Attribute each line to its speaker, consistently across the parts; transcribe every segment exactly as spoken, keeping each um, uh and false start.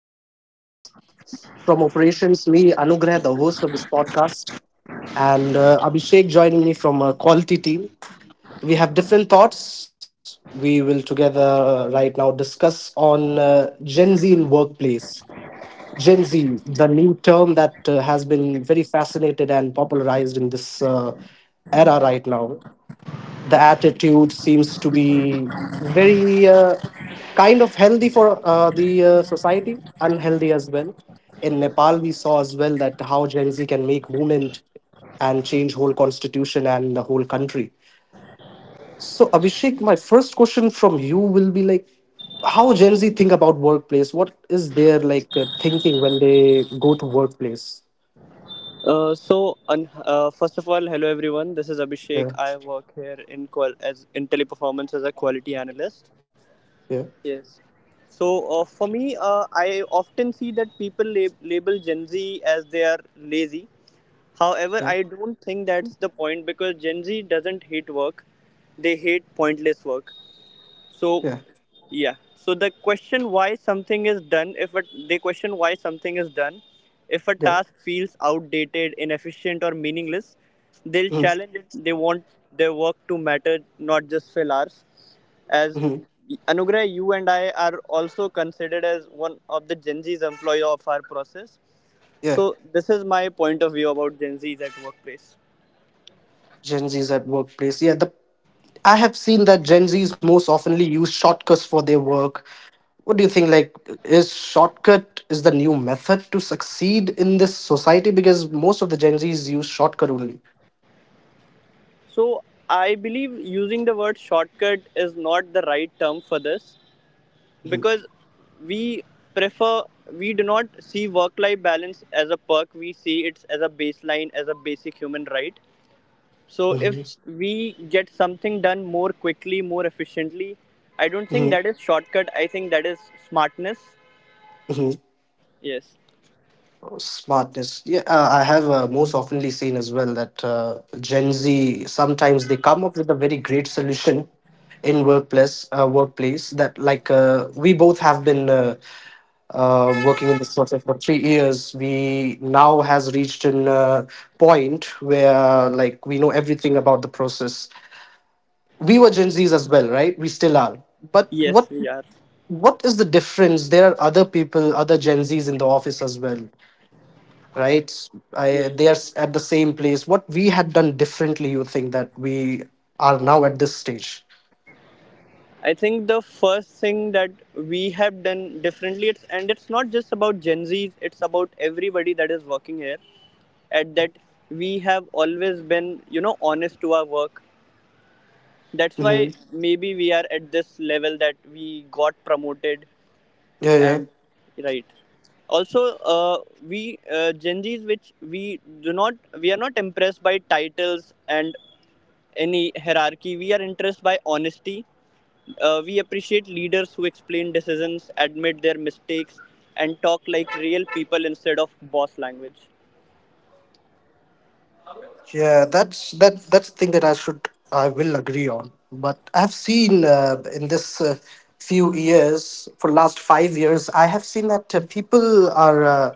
Speaker 1: from different departments, from operations, me, Anugrah, the host of this podcast, and uh, Abhishek joining me from a quality team. We have different thoughts. We will together uh, right now discuss on uh, Gen Z in workplace. Gen Z, the new term that uh, has been very fascinated and popularized in this uh, era right now the attitude seems to be very uh, kind of healthy for uh, the uh, society, unhealthy as well. In Nepal, we saw as well that how Gen Z can make movement and change whole constitution and the whole country. So Abhishek, my first question from you will be like, how Gen Z think about workplace? What is their like uh, thinking when they go to workplace?
Speaker 2: Uh, so, un- uh, first of all, hello everyone. This is Abhishek.
Speaker 1: Yeah,
Speaker 2: I work here in qual- as in Teleperformance as a quality analyst.
Speaker 1: yeah,
Speaker 2: Yes. So, uh, for me, uh, I often see that people lab- label Gen Z as they are lazy. However,
Speaker 1: yeah,
Speaker 2: I don't think that's the point because Gen Z doesn't hate work; they hate pointless work. So
Speaker 1: yeah,
Speaker 2: yeah. So the question why something is done if it, they question why something is done, if a
Speaker 1: yeah.
Speaker 2: task feels outdated, inefficient or meaningless, they'll
Speaker 1: Mm-hmm.
Speaker 2: challenge it. They want their work to matter, not just fill hours. As
Speaker 1: Mm-hmm.
Speaker 2: Anugrah, you and I are also considered as one of the Gen Z's employee of our process.
Speaker 1: Yeah,
Speaker 2: So this is my point of view about Gen Z's at workplace.
Speaker 1: Gen Z's at workplace. Yeah, the I have seen that Gen Zs most oftenly use shortcuts for their work. What do you think? Like, is shortcut is the new method to succeed in this society? Because most of the Gen Zs use shortcut only.
Speaker 2: So I believe using the word shortcut is not the right term for this,
Speaker 1: Mhm.
Speaker 2: because we prefer we do not see work life balance as a perk, we see it as a baseline, as a basic human right. So if
Speaker 1: Mhm.
Speaker 2: we get something done more quickly, more efficiently, I don't think that is shortcut, I think that is smartness. Yes.
Speaker 1: Smartness. Yeah, uh, I have uh, most oftenly seen as well that uh, Gen Z sometimes they come up with a very great solution in workplace uh, workplace that like uh, we both have been uh, uh, working in this process for three years. We now has reached an uh, point where like we know everything about the process. We were Gen Zs as well, right? We still are. But what
Speaker 2: Yes, we are.
Speaker 1: what is the difference? There are other people, other Gen Zs in the office as well right? I,
Speaker 2: Yes.
Speaker 1: they are s- at the same place. What we had done differently, you think that we are now at this stage?
Speaker 2: I think the first thing that we have done differently, it's, and it's not just about Gen Zs, it's about everybody that is working here. At that, we have always been, you know, honest to our work. That's
Speaker 1: Hmm.
Speaker 2: why maybe we are at this level that we got promoted.
Speaker 1: Yeah, yeah,
Speaker 2: And right, also, uh, we, uh, Gen Z's, which we do not we are not impressed by titles and any hierarchy. We are impressed by honesty. Uh, we appreciate leaders who explain decisions, admit their mistakes, and talk like real people instead of boss language.
Speaker 1: yeah. That's that. That's the thing that I should, I will agree on. But I've seen uh, in this uh, few years, for last five years, I have seen that uh, people are. Uh,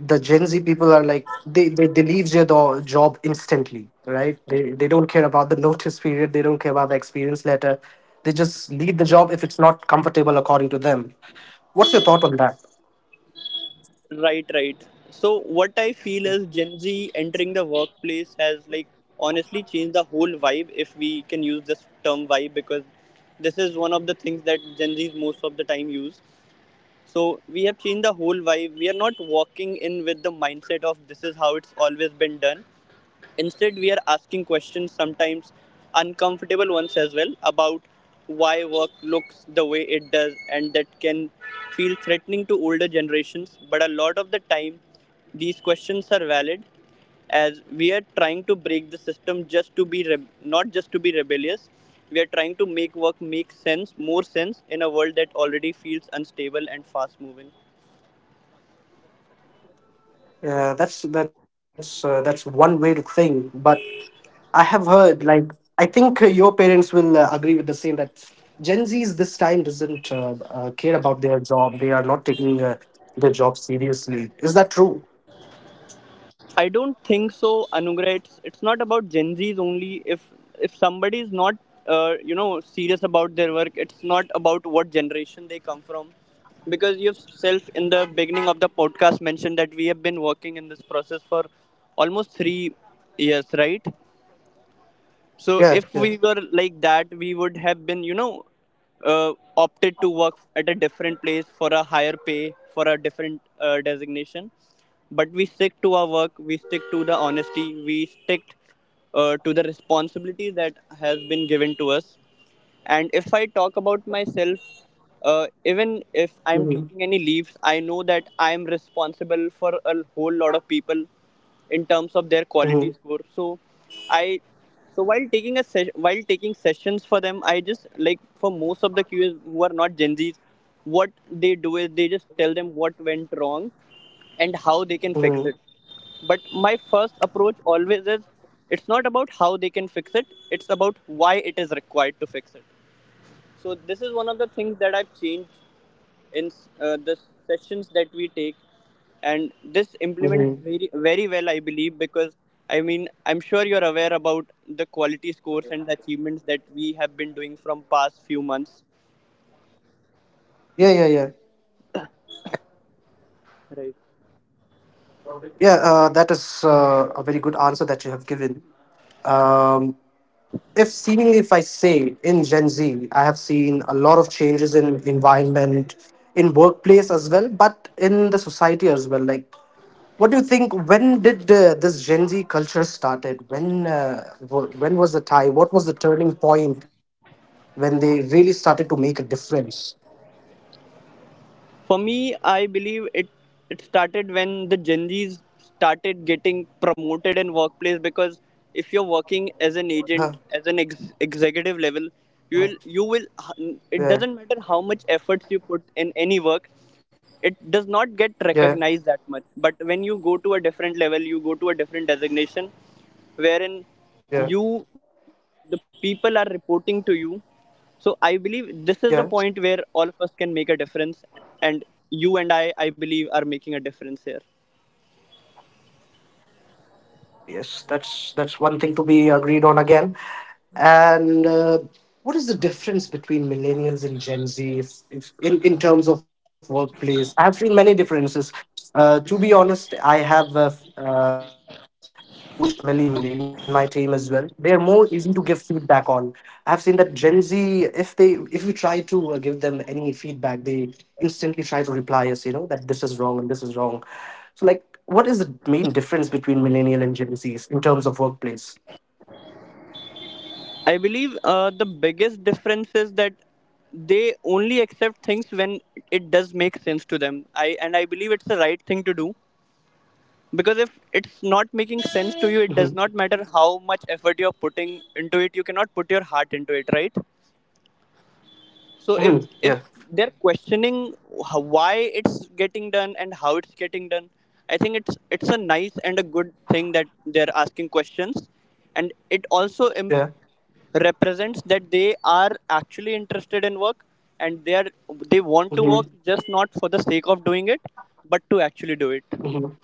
Speaker 1: the Gen Z people are like they they, they leave their do- job instantly, right? They they don't care about the notice period, they don't care about the experience letter. They just leave the job if it's not comfortable according to them. What's your thought on that?
Speaker 2: Right, right. So what I feel is Gen Z entering the workplace has like honestly changed the whole vibe, if we can use this term vibe, because this is one of the things that Gen Z's most of the time use. So we have changed the whole vibe. We are not walking in with the mindset of this is how it's always been done. Instead, we are asking questions, sometimes uncomfortable ones as well, about why work looks the way it does, and that can feel threatening to older generations. But a lot of the time, these questions are valid, as we are trying to break the system, just to be re- not just to be rebellious. We are trying to make work make sense more sense in a world that already feels unstable and fast moving.
Speaker 1: Yeah, that's that's uh, that's one way to think, but I have heard like I think uh, your parents will uh, agree with the same that Gen Z's this time doesn't uh, uh, care about their job. They are not taking uh, their job seriously. Is that true?
Speaker 2: I don't think so, Anugrah. It's it's not about Gen Zs only. If if somebody is not uh, you know serious about their work, it's not about what generation they come from, because you've in the beginning of the podcast mentioned that we have been working in this process for almost three years, right?
Speaker 1: Yeah,
Speaker 2: So
Speaker 1: yeah.
Speaker 2: if we were like that, we would have been, you know, uh, opted to work at a different place for a higher pay, for a different uh, designation. But we stick to our work, we stick to the honesty, we stick uh, to the responsibility that has been given to us. And if I talk about myself, uh, even if I'm taking any
Speaker 1: Hmm.
Speaker 2: leaves, I know that I'm responsible for a whole lot of people in terms of their quality score. So I, so while taking a se- while taking sessions for them, I just like for most of the Q As who are not Gen Zs, what they do is they just tell them what went wrong and how they can fix it.
Speaker 1: Hmm.
Speaker 2: But my first approach always is, it's not about how they can fix it, it's about why it is required to fix it. So, this is one of the things that I've changed in uh, the sessions that we take, and this implements very very
Speaker 1: Mhm.
Speaker 2: well, I believe, because I mean, I'm sure you're aware about the quality scores and the achievements that we have been doing from past few months,
Speaker 1: Yeah, yeah, yeah.
Speaker 2: right?
Speaker 1: Yeah, uh, that is uh, a very good answer that you have given. Um, if seemingly, if I say in Gen Z, I have seen a lot of changes in environment, in workplace as well, but in the society as well. Like, what do you think? When did uh, this Gen Z culture started? When uh, wa- when was the time? What was the turning point when they really started to make a difference?
Speaker 2: For me, I believe it it started when the Gen Zs started getting promoted in workplace, because if you're working as
Speaker 1: Huh.
Speaker 2: an agent, as an ex- executive level,
Speaker 1: Uh-huh.
Speaker 2: you will you will
Speaker 1: Yeah,
Speaker 2: it doesn't matter how much efforts you put in any work, it does not get
Speaker 1: yeah,
Speaker 2: recognized that much. But when you go to a different level, you go to a different designation, wherein
Speaker 1: yeah,
Speaker 2: you the people are reporting to you. So I believe this is the point where
Speaker 1: yeah.
Speaker 2: all of us can make a difference, and you and I, I believe, are making a difference here.
Speaker 1: Yes, that's that's one thing to be agreed on again. And uh, what is the difference between millennials and Gen Z if, if, in, in terms of workplace? I have seen many differences. Uh, to be honest, I have uh, uh, coached many millennials in my team as well. They are more easy to give feedback on. I have seen that Gen Z, if they if you try to uh, give them any feedback, they instantly try to reply us, you know, that this is wrong and this is wrong. So like what is the main difference between millennial and Gen Zs in terms of workplace?
Speaker 2: I believe uh, the biggest difference is that they only accept things when it does make sense to them. I and I believe it's the right thing to do, because if it's not making
Speaker 1: Hmm.
Speaker 2: sense to you, it does not matter how much effort you're putting into it. You cannot put your heart into it, right? So
Speaker 1: Hmm.
Speaker 2: if
Speaker 1: Yeah,
Speaker 2: if they're questioning how, why it's getting done and how it's getting done, I think it's it's a nice and a good thing that they're asking questions, and it also Im-
Speaker 1: yeah.
Speaker 2: represents that they are actually interested in work, and they are they want to
Speaker 1: Hmm.
Speaker 2: work, just not for the sake of doing it, but to actually do it.
Speaker 1: Hmm.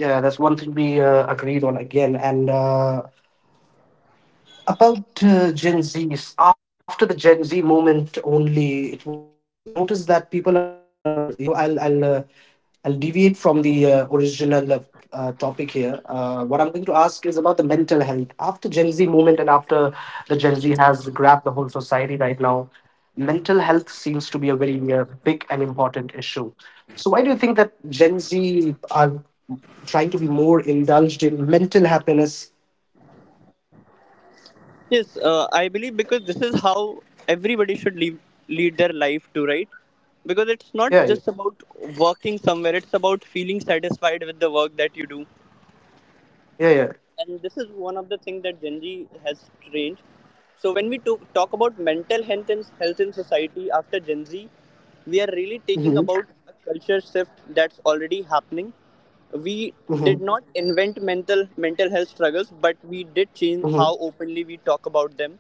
Speaker 1: Yeah, that's one thing we uh, agreed on again. And uh, about uh, Gen Zs after the Gen Z movement only it was noticed that people are more you know I'll I'll uh, I'll deviate from the uh, original uh, uh, topic here, uh, what I'm going to ask is about the mental health after Gen Z movement and after the Gen Z has grabbed the whole society right now. Mental health seems to be a very uh, big and important issue. So why do you think that Gen Z are trying to be more indulged in mental happiness?
Speaker 2: Yes, uh, I believe because this is how everybody should leave, lead their life to, right? Because it's not just
Speaker 1: Yeah, yeah,
Speaker 2: about working somewhere, it's about feeling satisfied with the work that you do.
Speaker 1: yeah,
Speaker 2: And this is one of the things that Gen Z has changed. So, when we to- talk about mental health in, health in society after Gen Z, we are really taking about a
Speaker 1: yeah.
Speaker 2: culture shift that's already happening. We did not
Speaker 1: Mhm,
Speaker 2: invent mental mental health struggles, but we did change how
Speaker 1: mhm,
Speaker 2: openly we talk about them.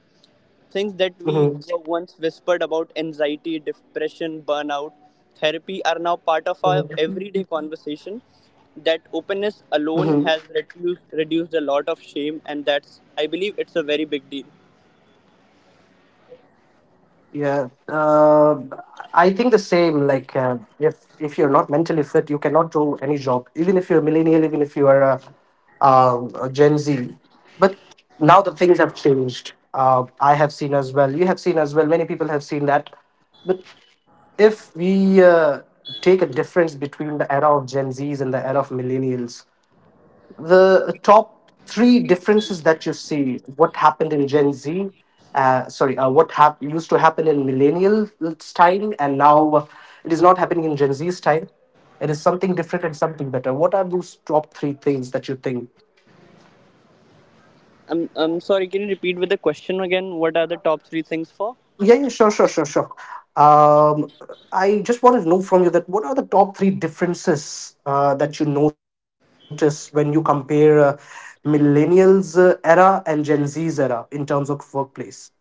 Speaker 2: Things that we were
Speaker 1: mhm,
Speaker 2: once whispered about, anxiety, depression, burnout, therapy, are now part of our
Speaker 1: mhm,
Speaker 2: everyday conversation. That openness
Speaker 1: mhm.
Speaker 2: alone has reduced reduced a lot of shame, and that's, I believe, it's a very big deal.
Speaker 1: Yeah, uh, I think the same. Like, uh, if if you're not mentally fit, you cannot do any job. Even if you're a millennial, even if you are a, um, a Gen Z. But now the things have changed. Uh, I have seen as well. You have seen as well. Many people have seen that. But if we uh, take a difference between the era of Gen Zs and the era of millennials, the top three differences that you see what happened in Gen Z, uh, sorry uh, what hap- used to happen in millennial style, and now uh, it is not happening in Gen Z style—it it is something different and something better. What are those top three things that you think?
Speaker 2: I'm I'm sorry. Can you repeat with the question again? What are the top three things for
Speaker 1: Yeah, yeah, sure sure sure sure um, I just wanted to know from you that what are the top three differences uh, that you notice when you compare uh, millennials uh, era and Gen Z's era in terms of workplace.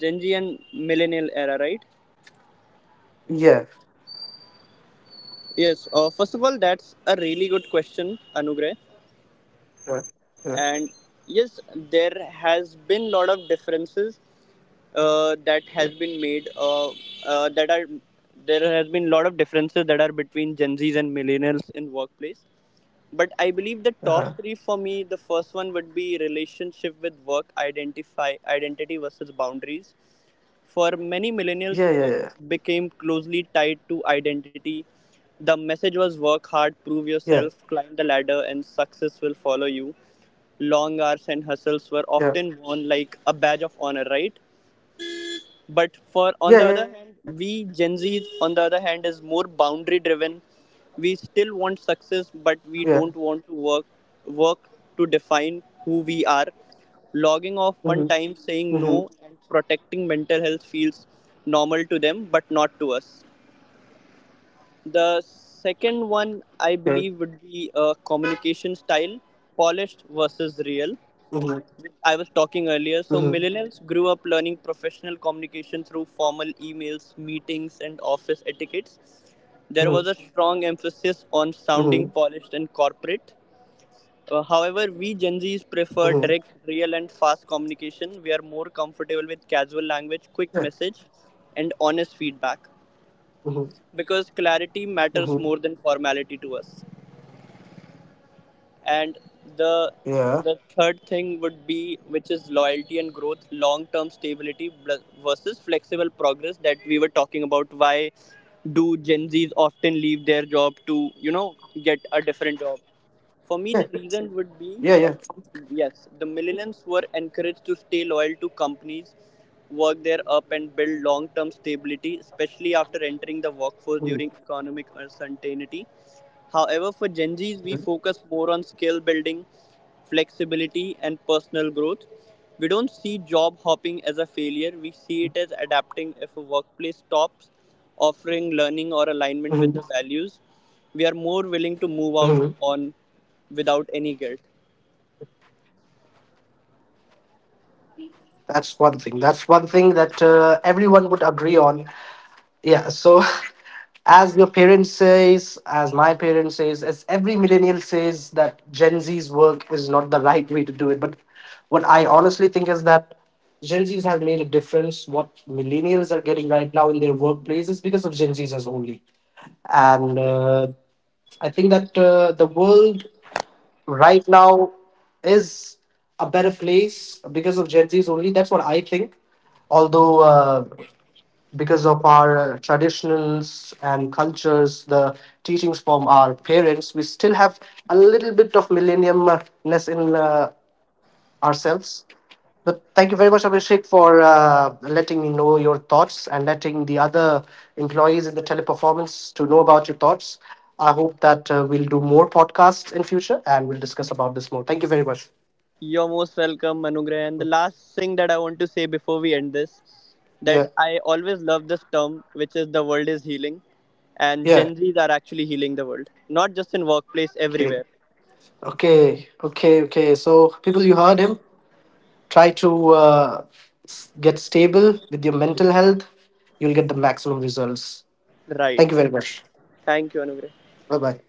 Speaker 2: Gen Z and millennial era? Right.
Speaker 1: Yeah,
Speaker 2: Yes. Uh, first of all, that's a really good question, Anugrah.
Speaker 1: yeah,
Speaker 2: And
Speaker 1: yeah,
Speaker 2: yes, there has been lot of differences uh, that has been made
Speaker 1: yeah.
Speaker 2: uh, uh, that are there has been lot of differences that are between Gen Z's and millennials in workplace. But I believe the top three
Speaker 1: Uh-huh.
Speaker 2: for me, the first one would be relationship with work, identify identity versus boundaries. For many millennials, work
Speaker 1: Yeah, yeah, yeah.
Speaker 2: became closely tied to identity. The message was work hard, prove
Speaker 1: Yeah,
Speaker 2: yourself, climb the ladder, and success will follow you. Long hours and hustles were
Speaker 1: yeah.
Speaker 2: often worn like a badge of honor, right? But for on
Speaker 1: Yeah,
Speaker 2: the
Speaker 1: yeah.
Speaker 2: other hand, We Gen Z on the other hand is more boundary driven. We still want success, but we
Speaker 1: Yeah.
Speaker 2: don't want to work work to define who we are. Logging off on
Speaker 1: Mm-hmm.
Speaker 2: time, saying
Speaker 1: Mm-hmm.
Speaker 2: no, and protecting mental health feels normal to them, but not to us. The second one, I
Speaker 1: Okay.
Speaker 2: believe, would be a communication style, polished versus real.
Speaker 1: Mm-hmm.
Speaker 2: I was talking earlier. So
Speaker 1: Mm-hmm.
Speaker 2: millennials grew up learning professional communication through formal emails, meetings, and office etiquettes.
Speaker 1: Mm-hmm.
Speaker 2: There was a strong emphasis on
Speaker 1: Mm-hmm.
Speaker 2: sounding polished and corporate. Uh, however, we Gen Zs
Speaker 1: Mm-hmm.
Speaker 2: prefer direct, real, and fast communication. We are more comfortable with casual
Speaker 1: Yeah.
Speaker 2: language, quick message, and honest feedback,
Speaker 1: Mm-hmm.
Speaker 2: because clarity
Speaker 1: Mm-hmm.
Speaker 2: matters more than formality to us. And
Speaker 1: Yeah.
Speaker 2: the the third thing would be, which is loyalty and growth, long term stability bl- versus flexible progress, that we were talking about, why do Gen Z's often leave their job to you know get a different job. For me,
Speaker 1: Yeah.
Speaker 2: the reason would be,
Speaker 1: Yeah, yeah.
Speaker 2: uh, yes, the millennials were encouraged to stay loyal to companies, work their up, and build long term stability, especially after entering the workforce during
Speaker 1: Mhm,
Speaker 2: economic uncertainty. However, for Gen Zs, we
Speaker 1: mhm,
Speaker 2: focus more on skill building, flexibility, and personal growth. We don't see job hopping as a failure, we see it as adapting if a workplace stops offering learning or alignment with
Speaker 1: mhm,
Speaker 2: the values. We are more willing to move out
Speaker 1: mhm.
Speaker 2: on without any guilt.
Speaker 1: That's one thing. That's one thing that uh, everyone would agree on. Yeah, so as your parents says, as my parents says, as every millennial says that Gen Z's work is not the right way to do it. But what I honestly think is that Gen Z's have made a difference. What millennials are getting right now in their workplaces because of Gen Z's as only.
Speaker 2: Right.
Speaker 1: And uh, I think that uh, the world right now is a better place because of Gen Z's only. That's what I think. Although uh, because of our uh, traditionals and cultures, the teachings from our parents, we still have a little bit of millenniumness in uh, ourselves. But thank you very much, Abhishek, for uh, letting me know your thoughts and letting the other employees in the teleperformance to know about your thoughts. I hope that uh, we'll do more podcasts in future and we'll discuss about this more. Thank you very much.
Speaker 2: You're most welcome, Manugrah. And the last thing that I want to say before we end this, that
Speaker 1: Yeah,
Speaker 2: I always love this term, which is the world is healing, and Gen
Speaker 1: yeah.
Speaker 2: Zs are actually healing the world, not just in workplace,
Speaker 1: Okay.
Speaker 2: everywhere.
Speaker 1: Okay, okay, okay. So, people, you heard him. Try to uh, s- get stable with your mental health. You'll get the maximum results.
Speaker 2: Right.
Speaker 1: Thank you very much.
Speaker 2: Thank you, Anugrah.
Speaker 1: Bye bye.